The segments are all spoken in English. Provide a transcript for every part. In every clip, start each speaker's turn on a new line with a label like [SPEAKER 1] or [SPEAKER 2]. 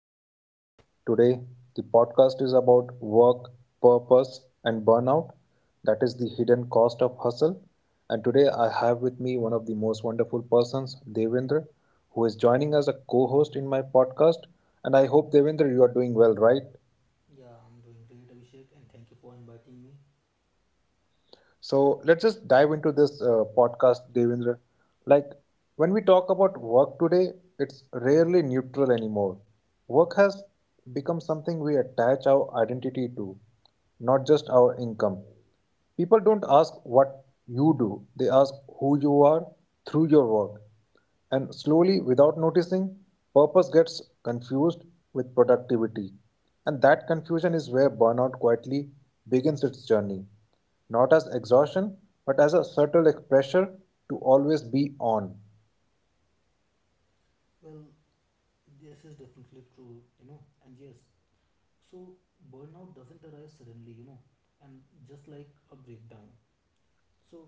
[SPEAKER 1] listeners. Today, the podcast is about work, purpose, and burnout. That is the hidden cost of hustle. And today, I have with me one of the most wonderful persons, Devendra, who is joining as a co host in my podcast. And I hope, Devendra, you are doing well, right?
[SPEAKER 2] Yeah, I'm doing great, Abhishek, and thank you for inviting me.
[SPEAKER 1] So let's just dive into this podcast, Devendra. Like when we talk about work today, it's rarely neutral anymore. Work has become something we attach our identity to, not just our income. People don't ask what you do, they ask who you are through your work. And slowly, without noticing, purpose gets confused with productivity. And that confusion is where burnout quietly begins its journey not as exhaustion, but as a subtle pressure to always be on,
[SPEAKER 2] Well, this is definitely true, you know, and yes, so burnout doesn't arise suddenly, you know, and just like a breakdown. So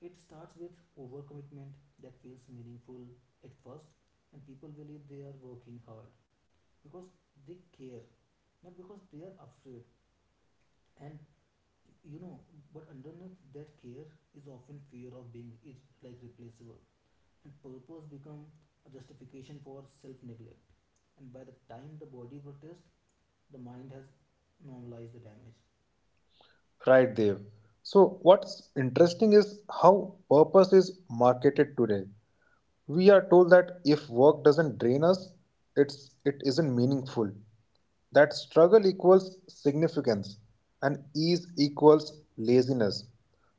[SPEAKER 2] it starts with overcommitment that feels meaningful at first, and people believe they are working hard because they care, not because they are afraid. And you know, but underneath that care is often fear of being is like replaceable, and purpose become a justification for self-neglect. And by the time the body protests, the mind has normalized the damage.
[SPEAKER 1] cried Dev. So, what's interesting is how purpose is marketed today. We are told that if work doesn't drain us, it isn't meaningful. That struggle equals significance and ease equals laziness.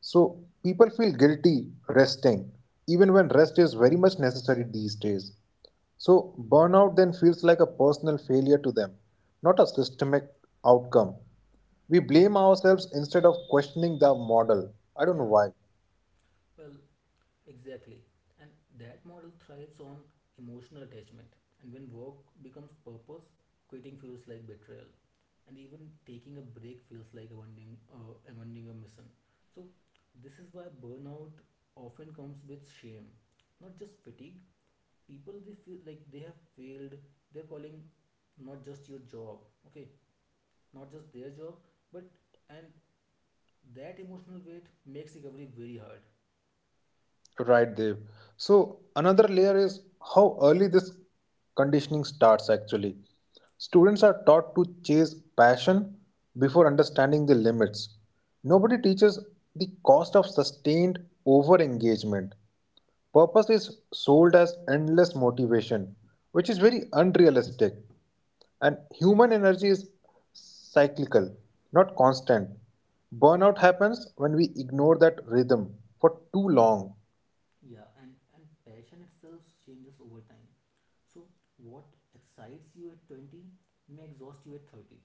[SPEAKER 1] So, people feel guilty resting, even when rest is very much necessary these days. So, burnout then feels like a personal failure to them, not a systemic outcome. We blame ourselves instead of questioning the model. I don't know
[SPEAKER 2] Yeah,
[SPEAKER 1] why.
[SPEAKER 2] well, exactly. And that model thrives on emotional attachment. And when work becomes purpose, quitting feels like betrayal. And even taking a break feels like abandoning a mission. So, this is why burnout often comes with shame. Not just fatigue, people they feel like they have failed, they're calling, not just your job, okay, not just their job, but and that emotional weight makes recovery very hard.
[SPEAKER 1] Right, Dev. So, another layer is how early this conditioning starts actually. Students are taught to chase passion before understanding the limits. Nobody teaches the cost of sustained over engagement. Purpose is sold as endless motivation, which is very unrealistic. And human energy is cyclical, not constant. Burnout happens when we ignore that rhythm for too long.
[SPEAKER 2] Yeah, and passion itself changes over time. So, what excites you at 20 may exhaust you at 30.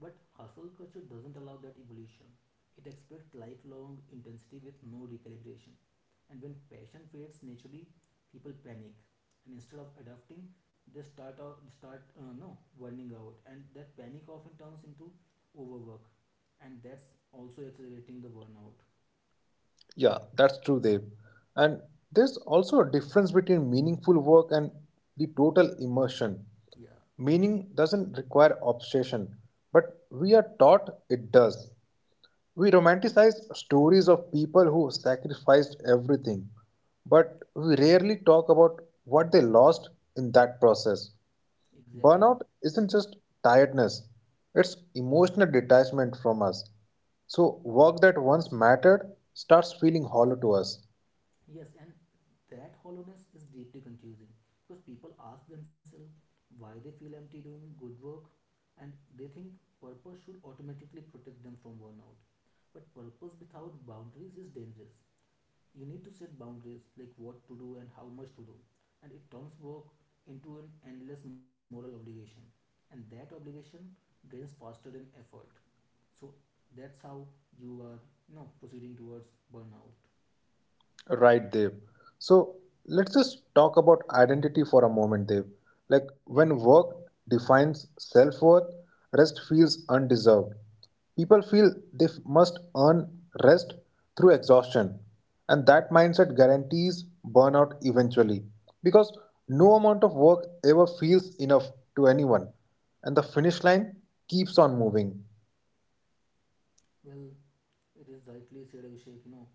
[SPEAKER 2] But hustle culture doesn't allow that evolution. It expects lifelong intensity with no recalibration. And when passion fades naturally, people panic, and instead of adapting, they start out, start no burning out, and that panic often turns into overwork, and that's also accelerating the burnout.
[SPEAKER 1] Yeah, that's true, Dev. And there's also a difference between meaningful work and the total immersion.
[SPEAKER 2] Yeah,
[SPEAKER 1] Meaning doesn't require obsession, but we are taught it does. We romanticize stories of people who sacrificed everything, but we rarely talk about what they lost in that process.
[SPEAKER 2] exactly.
[SPEAKER 1] Burnout isn't just tiredness, it's emotional detachment from us. So, work that once mattered starts feeling hollow to us.
[SPEAKER 2] Yes, and that hollowness is deeply confusing because people ask themselves why they feel empty doing good work, and they think purpose should automatically protect them from burnout. But purpose without boundaries is dangerous. You need to set boundaries like what to do and how much to do, and it turns work into an endless moral obligation, and that obligation drains faster than effort. So that's how you are, you know, proceeding towards burnout.
[SPEAKER 1] Right, Dev. So let's just talk about identity for a moment, Dev. Like when work defines self worth, rest feels undeserved. People feel they must earn rest through exhaustion, and that mindset guarantees burnout eventually because no amount of work ever feels enough to anyone, and the finish line keeps on moving.
[SPEAKER 2] Well, it is rightly said, Abhishek, you know,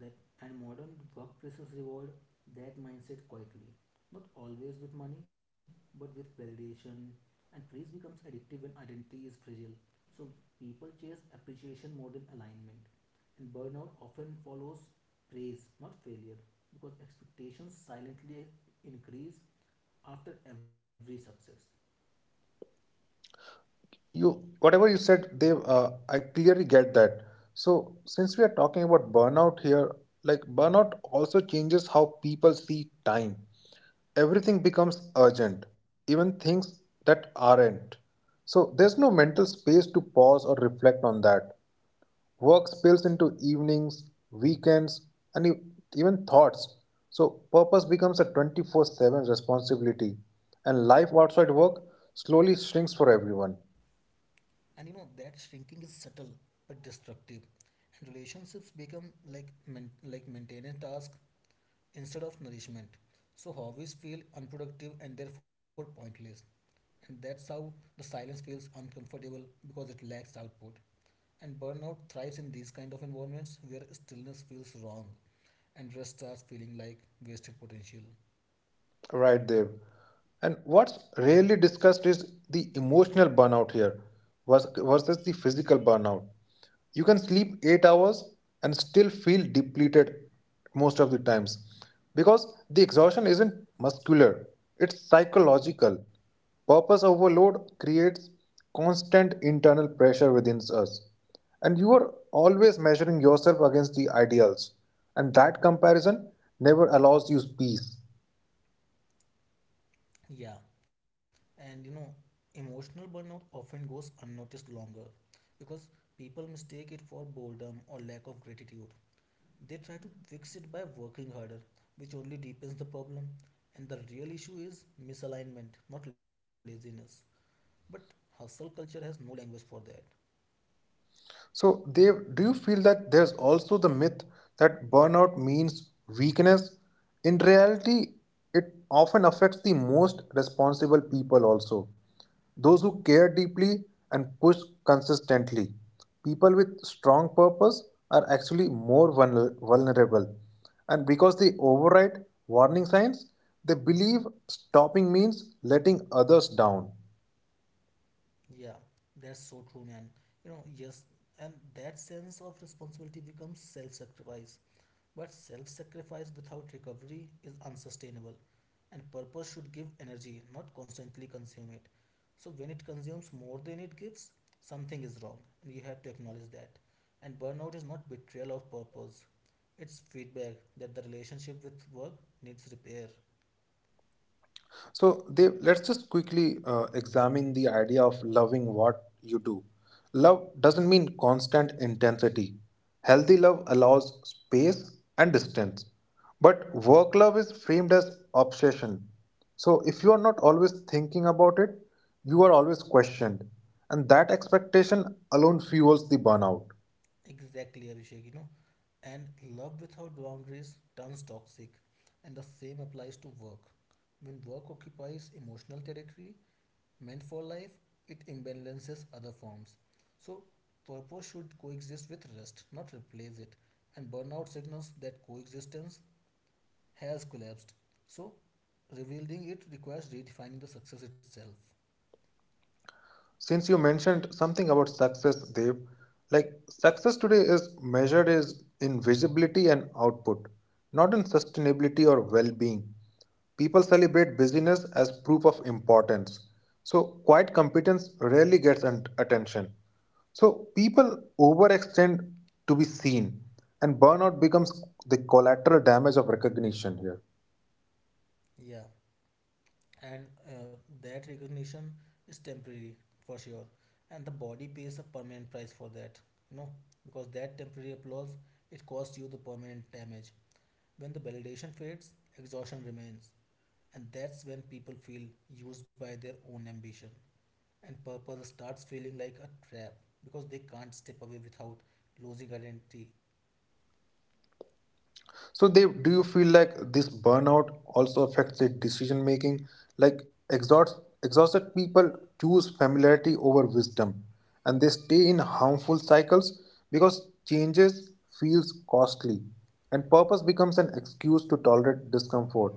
[SPEAKER 2] that and modern workplaces reward that mindset quietly. Not always with money, but with validation. And praise becomes addictive when identity is fragile. So people chase appreciation more than alignment. And burnout often follows praise, not failure, because expectations silently increase after every success.
[SPEAKER 1] You whatever you said they, I clearly get that. So since we are talking about burnout here, like burnout also changes how people see time. Everything becomes urgent, even things that aren't. So there's no mental space to pause or reflect on that. Work spills into evenings, weekends, and even thoughts. So purpose becomes a 24/7 responsibility, and life outside work slowly shrinks for everyone.
[SPEAKER 2] And you know that shrinking is subtle but destructive. And relationships become like maintenance task instead of nourishment. So hobbies feel unproductive and therefore pointless. And that's how the silence feels uncomfortable because it lacks output. And burnout thrives in these kind of environments where stillness feels wrong and rest starts feeling like wasted potential.
[SPEAKER 1] Right, Dev. And what's rarely discussed is the emotional burnout here versus the physical burnout. You can sleep 8 hours and still feel depleted most of the times because the exhaustion isn't muscular, it's psychological. Purpose overload creates constant internal pressure within us, and you are always measuring yourself against the ideals, and that comparison never allows you peace.
[SPEAKER 2] Yeah, and you know, emotional burnout often goes unnoticed longer because people mistake it for boredom or lack of gratitude. They try to fix it by working harder, which only deepens the problem. And the real issue is misalignment, not laziness. But hustle culture has no language for that.
[SPEAKER 1] So, Dev, do you feel that there's also the myth that burnout means weakness? In reality, it often affects the most responsible people also. Those who care deeply and push consistently. People with strong purpose are actually more vulnerable. And because they override warning signs, they believe stopping means letting others down.
[SPEAKER 2] Yeah, that's so true, man. You know, yes, and that sense of responsibility becomes self sacrifice. But self sacrifice without recovery is unsustainable, and purpose should give energy, not constantly consume it. So, when it consumes more than it gives, something is wrong, and you have to acknowledge that. And burnout is not betrayal of purpose, it's feedback that the relationship with work needs repair.
[SPEAKER 1] So they, let's just quickly examine the idea of loving what you do. Love doesn't mean constant intensity. Healthy love allows space and distance. But work love is framed as obsession. So if you are not always thinking about it, you are always questioned. And that expectation alone fuels the burnout.
[SPEAKER 2] Exactly, Abhishek, you know. And love without boundaries turns toxic, and the same applies to work. When work occupies emotional territory, meant for life, it imbalances other forms. So, purpose should coexist with rest, not replace it. And burnout signals that coexistence has collapsed. So, revealing it requires redefining the success itself.
[SPEAKER 1] Since you mentioned something about success, Dev, like success today is measured is in visibility and output, not in sustainability or well-being. People celebrate busyness as proof of importance, so quiet competence rarely gets attention. So people overextend to be seen, and burnout becomes the collateral damage of recognition here.
[SPEAKER 2] Yeah, and that recognition is temporary for sure, and the body pays a permanent price for that. You know, because that temporary applause, it costs you the permanent damage. When the validation fades, exhaustion remains. And that's when people feel used by their own ambition. And purpose starts feeling like a trap because they can't step away without losing identity.
[SPEAKER 1] So they do you feel like this burnout also affects their decision making? Like exhausted people choose familiarity over wisdom, and they stay in harmful cycles because changes feels costly, and purpose becomes an excuse to tolerate discomfort.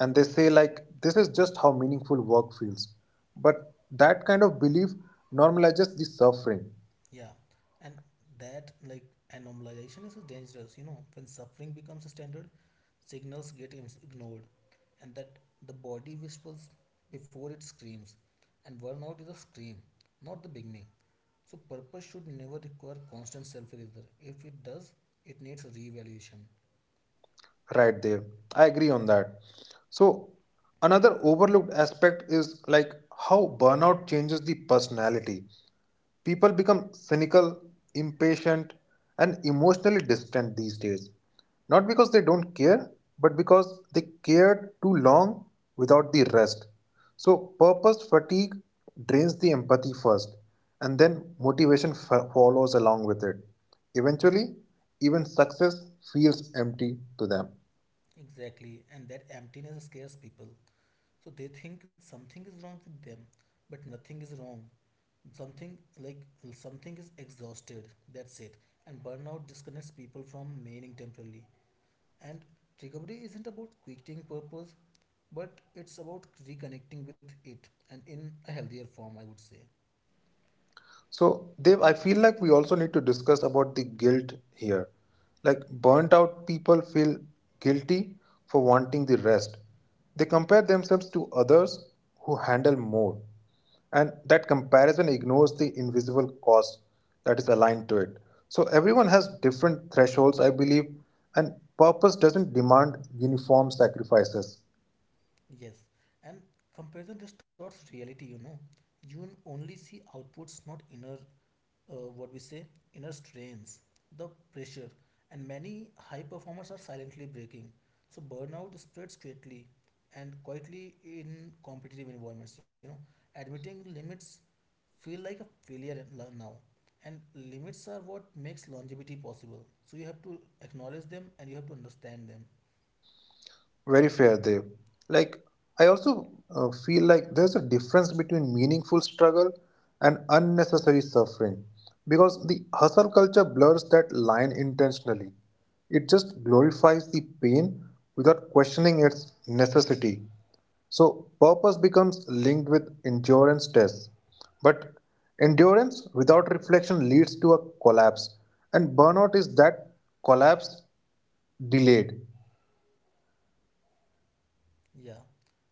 [SPEAKER 1] And they say like this is just how meaningful work feels, but that kind of belief normalizes the suffering.
[SPEAKER 2] Yeah. And that like anomalization is dangerous, you know, when suffering becomes a standard, signals get ignored, and that the body whispers before it screams, and burnout is a scream, not the beginning. So purpose should never require constant self-erasure. If it does, it needs a reevaluation.
[SPEAKER 1] Right there. I agree on that. So, another overlooked aspect is like how burnout changes the personality. People become cynical, impatient, and emotionally distant these days. Not because they don't care, but because they cared too long without the rest. So, purpose fatigue drains the empathy first, and then motivation follows along with it. Eventually, even success feels empty to them.
[SPEAKER 2] Exactly, and that emptiness scares people. So they think something is wrong with them, but nothing is wrong. Something like something is exhausted, that's it. And burnout disconnects people from meaning temporarily. And recovery isn't about quitting purpose, but it's about reconnecting with it, and in a healthier form, I would say.
[SPEAKER 1] So, Dev, I feel like we also need to discuss about the guilt here. Like, burnt out people feel guilty for wanting the rest. They compare themselves to others who handle more. And that comparison ignores the invisible cost that is aligned to it. So, everyone has different thresholds, I believe, and purpose doesn't demand uniform sacrifices.
[SPEAKER 2] Yes, and comparison distorts reality, you know. You only see outputs, not inner, what we say, inner strains, the pressure, and many high performers are silently breaking. So burnout spreads quickly and quietly in competitive environments, you know. Admitting limits feel like a failure now, and limits are what makes longevity possible, so you have to acknowledge them and you have to understand them.
[SPEAKER 1] Very fair, Dev. Like, I also feel like there's a difference between meaningful struggle and unnecessary suffering because the hustle culture blurs that line intentionally. It just glorifies the pain without questioning its necessity. So, purpose becomes linked with endurance tests. But endurance without reflection leads to a collapse, and burnout is that collapse delayed.
[SPEAKER 2] Yeah,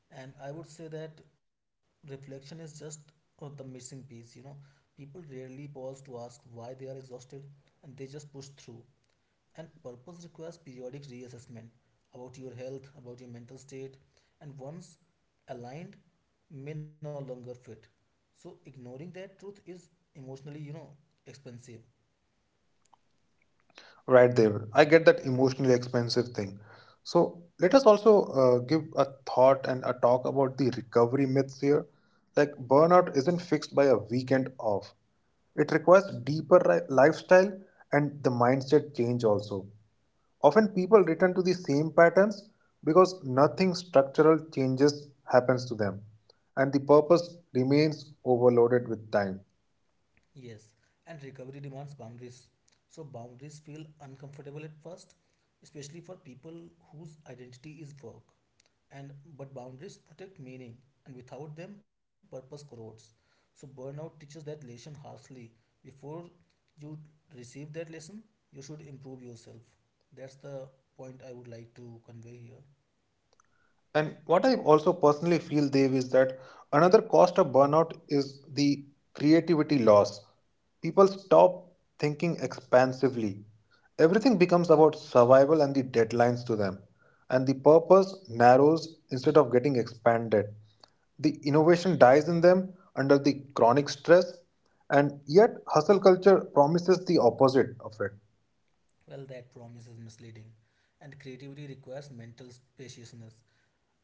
[SPEAKER 2] and I would say that reflection is just, the missing piece. You know, people rarely pause to ask why they are exhausted, and they just push through. And purpose requires periodic reassessment about your health, about your mental state, and once aligned, may no longer fit. So, ignoring that truth is emotionally, you know, expensive.
[SPEAKER 1] Right there. I get that emotionally expensive thing. So let us also give a thought and a talk about the recovery myths here. Like burnout isn't fixed by a weekend off. It requires deeper lifestyle and the mindset change also. Often people return to the same patterns because nothing structural changes happens to them, and the purpose remains overloaded with time.
[SPEAKER 2] Yes, and recovery demands boundaries. So boundaries feel uncomfortable at first, especially for people whose identity is work. And but boundaries protect meaning, and without them, purpose corrodes. So burnout teaches that lesson harshly. Before you receive that lesson, you should improve yourself. That's the point I would like to convey here.
[SPEAKER 1] And what I also personally feel, Dave, is that another cost of burnout is the creativity loss. People stop thinking expansively. Everything becomes about survival and the deadlines to them. And the purpose narrows instead of getting expanded. The innovation dies in them under the chronic stress, and yet hustle culture promises the opposite of it.
[SPEAKER 2] Well, that promise is misleading, and creativity requires mental spaciousness.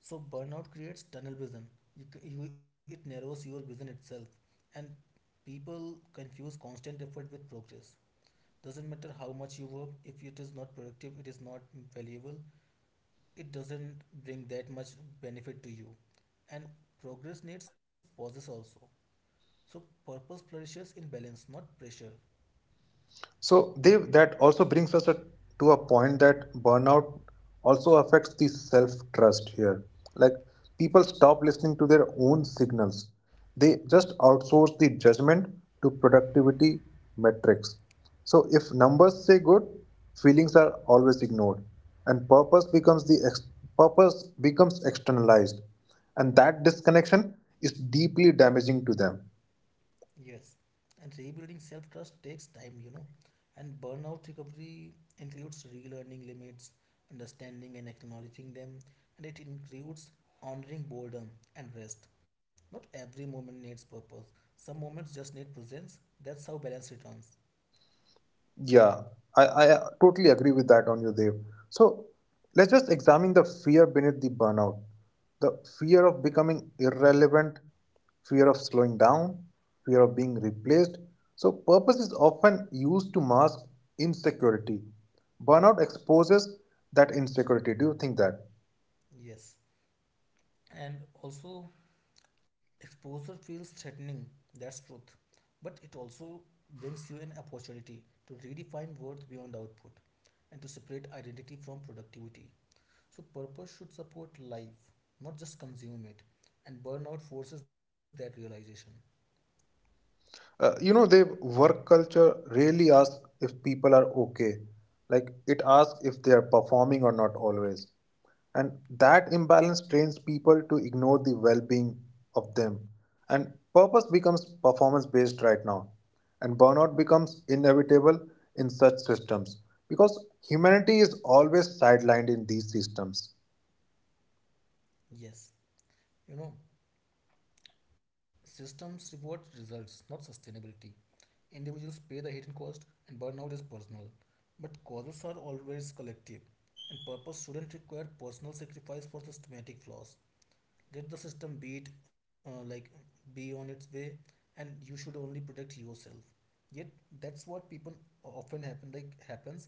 [SPEAKER 2] So burnout creates tunnel vision. It narrows your vision itself, and people confuse constant effort with progress. Doesn't matter how much you work, if it is not productive, it is not valuable. It doesn't bring that much benefit to you, and progress needs pauses also. So purpose flourishes in balance, not pressure.
[SPEAKER 1] So they that also brings us a, to a point that burnout also affects the self trust here. Like people stop listening to their own signals. They just outsource the judgment to productivity metrics. So if numbers say good, feelings are always ignored, and purpose becomes externalized, and that disconnection is deeply damaging to them.
[SPEAKER 2] Yes, and rebuilding self trust takes time, you know. And burnout recovery includes relearning limits, understanding and acknowledging them, and it includes honoring boredom and rest. Not every moment needs purpose, some moments just need presence. That's how balance returns.
[SPEAKER 1] Yeah, I totally agree with that on you, Dev. So let's just examine the fear beneath the burnout. The fear of becoming irrelevant, fear of slowing down, fear of being replaced. So purpose is often used to mask insecurity. Burnout exposes that insecurity. Do you think that?
[SPEAKER 2] Yes, and also exposure feels threatening, that's truth. But it also brings you an opportunity to redefine worth beyond output and to separate identity from productivity. So purpose should support life, not just consume it. And burnout forces that realization.
[SPEAKER 1] You know, Dev, work culture really asks if people are okay. Like it asks if they are performing or not always. And that imbalance trains people to ignore the well being of them. And purpose becomes performance based right now. And burnout becomes inevitable in such systems because humanity is always sidelined in these systems.
[SPEAKER 2] Yes, you know, systems reward results, not sustainability. Individuals pay the hidden cost, and burnout is personal. But causes are always collective, and purpose shouldn't require personal sacrifice for systematic flaws. Let the system be it, like be on its way, and you should only protect yourself. Yet that's what people often happens,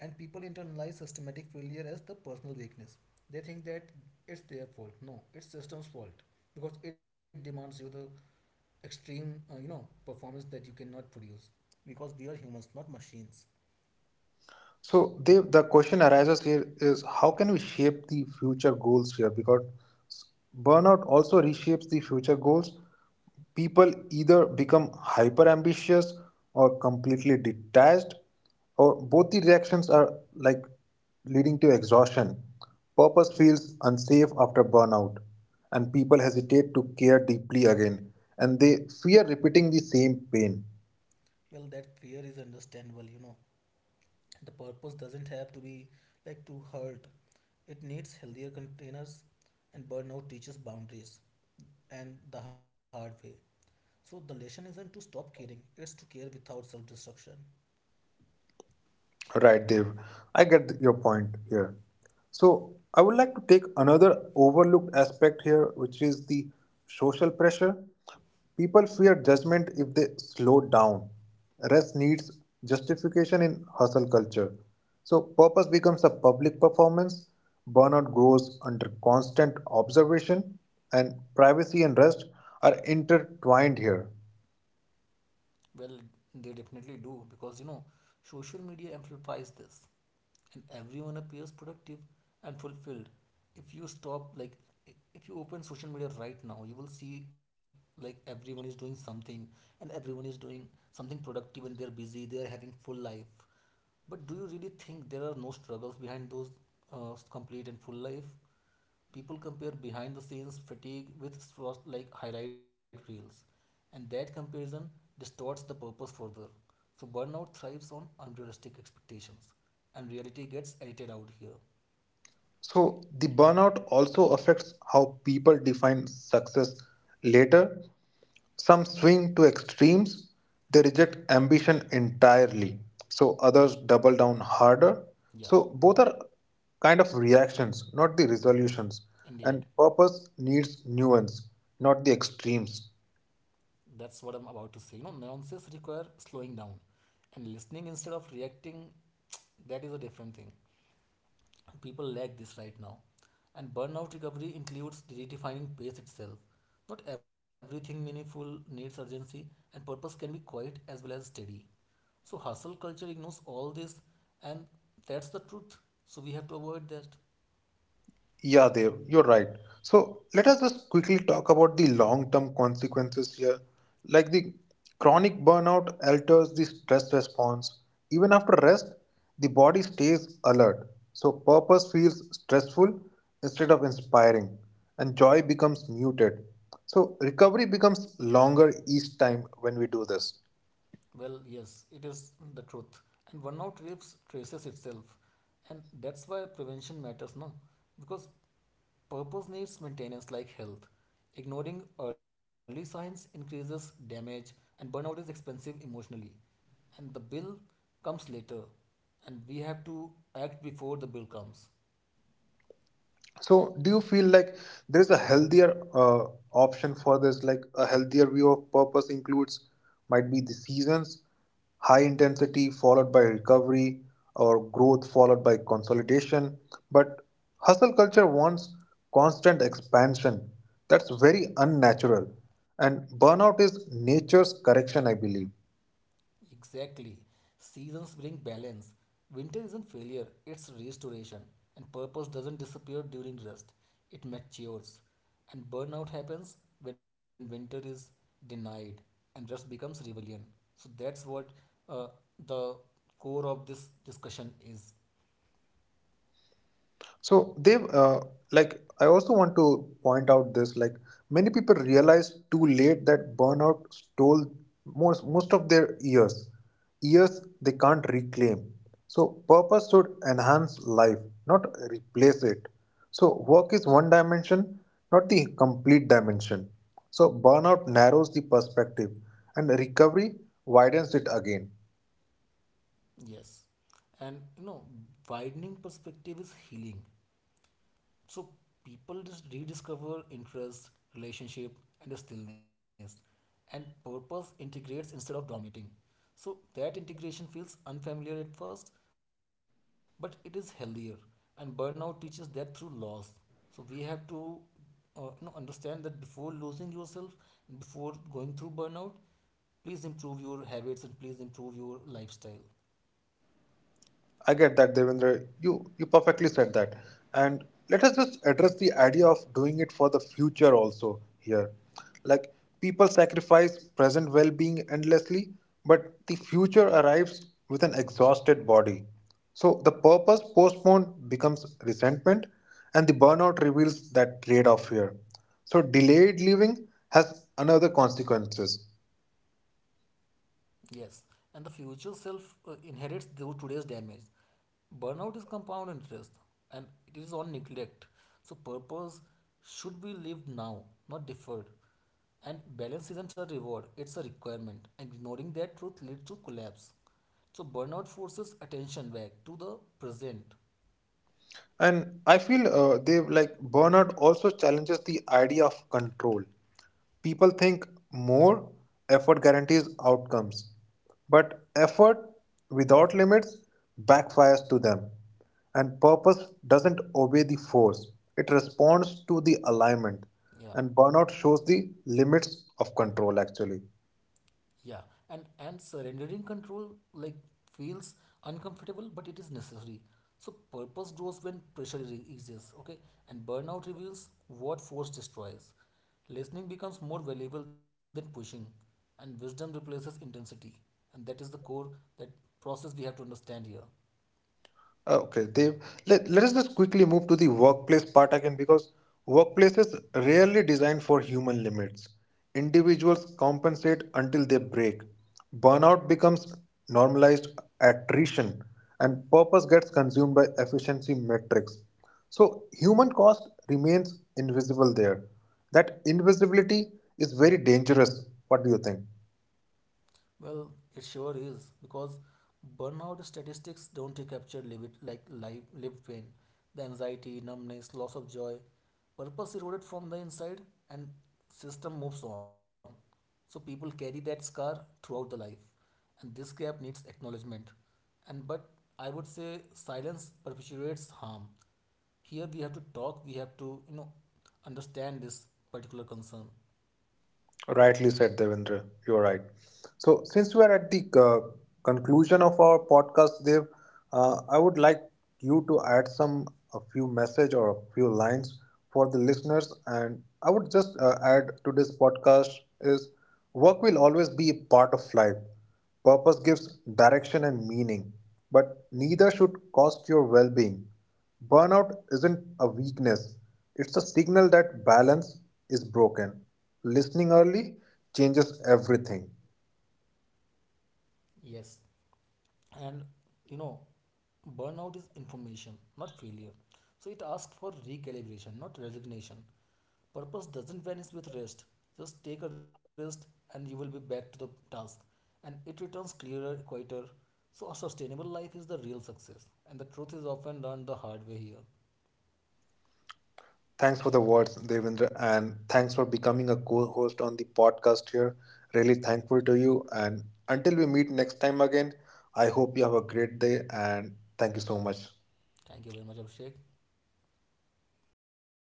[SPEAKER 2] and people internalize systematic failure as the personal weakness. They think that it's their fault, no, it's system's fault, because it demands you the extreme, you know, performance that you cannot produce, because we are humans, not machines.
[SPEAKER 1] So they, the question arises here is how can we shape the future goals here? Because burnout also reshapes the future goals. People either become hyper ambitious or completely detached, or both the reactions are like leading to exhaustion. Purpose feels unsafe after burnout, and people hesitate to care deeply again, and they fear repeating the same pain.
[SPEAKER 2] Well that fear is understandable, you know. The purpose doesn't have to be like to hurt, it needs healthier containers. And burnout teaches boundaries, and the hard way. So the lesson isn't to stop caring, it's to care without self-destruction.
[SPEAKER 1] Right, Dev. I get your point here. So, I would like to take another overlooked aspect here, which is the social pressure. People fear judgment if they slow down. Rest needs justification in hustle culture. So, purpose becomes a public performance, burnout grows under constant observation, and privacy and rest are intertwined here.
[SPEAKER 2] Well, they definitely do because you know, social media amplifies this, and everyone appears productive and fulfilled. If you stop, like, if you open social media right now, you will see like everyone is doing something, and everyone is doing something productive, and they're busy, they're having full life. But do you really think there are no struggles behind those, complete and full life? People compare behind the scenes fatigue with first like highlight reels, and that comparison distorts the purpose further. So burnout thrives on unrealistic expectations, and reality gets edited out here.
[SPEAKER 1] So, the burnout also affects how people define success later. Some swing to extremes, they reject ambition entirely. So others double down harder.
[SPEAKER 2] Yeah,
[SPEAKER 1] So both are kind of reactions, not the resolutions.
[SPEAKER 2] indeed.
[SPEAKER 1] And purpose needs nuance, not the extremes.
[SPEAKER 2] That's what I'm about to say. You know, nuances require slowing down and listening instead of reacting. That is a different thing. People lack this right now. And burnout recovery includes redefining pace itself. Not everything meaningful needs urgency, and purpose can be quiet as well as steady. So, hustle culture ignores all this, and that's the truth. So, we have to avoid that.
[SPEAKER 1] Yeah, Dev, you're right. So let us just quickly talk about the long term consequences here. Like the chronic burnout alters the stress response. Even after rest, the body stays alert. So purpose feels stressful instead of inspiring, and joy becomes muted. So recovery becomes longer each time when we do this.
[SPEAKER 2] Well, yes, it is the truth. And burnout rapes traces itself. And that's why prevention matters, no? Because purpose needs maintenance like health. Ignoring early signs increases damage, and burnout is expensive emotionally. And the bill comes later, and we have to act before the bill comes.
[SPEAKER 1] So, do you feel like there's a healthier option for this? Like a healthier view of purpose includes might be the seasons, high intensity followed by recovery, or growth followed by consolidation. But hustle culture wants constant expansion. That's very unnatural. And burnout is nature's correction, I believe.
[SPEAKER 2] Exactly. Seasons bring balance. Winter isn't failure, it's restoration. And purpose doesn't disappear during rest, it matures. And burnout happens when winter is denied and rest becomes rebellion. So that's what, uh, the core of this discussion is.
[SPEAKER 1] So they like I also want to point out this like many people realize too late that burnout stole most of their years they can't reclaim. So purpose should enhance life, not replace it. So work is one dimension, not the complete dimension. So burnout narrows the perspective, and recovery widens it again.
[SPEAKER 2] Yes. And you know, widening perspective is healing. So people just rediscover interest, relationship, and the stillness. And purpose integrates instead of dominating. So that integration feels unfamiliar at first, but it is healthier. And burnout teaches that through loss. So we have to, you know, understand that before losing yourself, before going through burnout, please improve your habits and please improve your lifestyle.
[SPEAKER 1] I get that, Devendra. You perfectly said that. And let us just address the idea of doing it for the future also here. Like people sacrifice present well-being endlessly, but the future arrives with an exhausted body. So the purpose postponed becomes resentment, and the burnout reveals that trade-off here. So delayed living has another consequences.
[SPEAKER 2] Yes, and the future self, inherits the today's damage. Burnout is compound interest, and it is on neglect. So, purpose should be lived now, not deferred. And balance isn't a reward, it's a requirement. And ignoring that truth leads to collapse. So, burnout forces attention back to the present.
[SPEAKER 1] And I feel they like burnout also challenges the idea of control. People think more effort guarantees outcomes, but effort without limits backfires to them. And purpose doesn't obey the force, it responds to the alignment. And burnout
[SPEAKER 2] Yeah.
[SPEAKER 1] shows the limits of control actually.
[SPEAKER 2] Yeah, and surrendering control like feels uncomfortable, but it is necessary. So purpose grows when pressure eases, okay? And burnout reveals what force destroys. Listening becomes more valuable than pushing, and wisdom replaces intensity. And that is the core that process we have to understand here.
[SPEAKER 1] Okay, Dev. Let us just quickly move to the workplace part again because workplaces rarely designed for human limits. Individuals compensate until they break. Burnout becomes normalized attrition, and purpose gets consumed by efficiency metrics. So human cost remains invisible there. That invisibility is very dangerous. What do you think?
[SPEAKER 2] Well, it sure is because burnout statistics don't capture live lived pain, the anxiety, numbness, loss of joy, purpose eroded from the inside, and system moves on. So people carry that scar throughout the life, and this gap needs acknowledgement. And but I would say silence perpetuates harm. Here we have to talk. We have to, you know, understand this particular concern.
[SPEAKER 1] Rightly said, Devendra. You're right. So, since we are at the conclusion of our podcast, Dev, I would like you to add some a few message or a few lines for the listeners. And I would just add to this podcast is work will always be a part of life. Purpose gives direction and meaning, but neither should cost your well-being. Burnout isn't a weakness; it's a signal that balance is broken. Listening early changes everything.
[SPEAKER 2] Yes, and you know, burnout is information, not failure. So it asks for recalibration, not resignation. Purpose doesn't vanish with rest, just take a rest and you will be back to the task, and it returns clearer, quieter. So a sustainable life is the real success, and the truth is often learned the hard way here.
[SPEAKER 1] Thanks for the words, Devendra, and thanks for becoming a co host on the podcast here. Really thankful to you. And until we meet next time again, I hope you have a great day and thank you so much.
[SPEAKER 2] Thank you very much, Abhishek.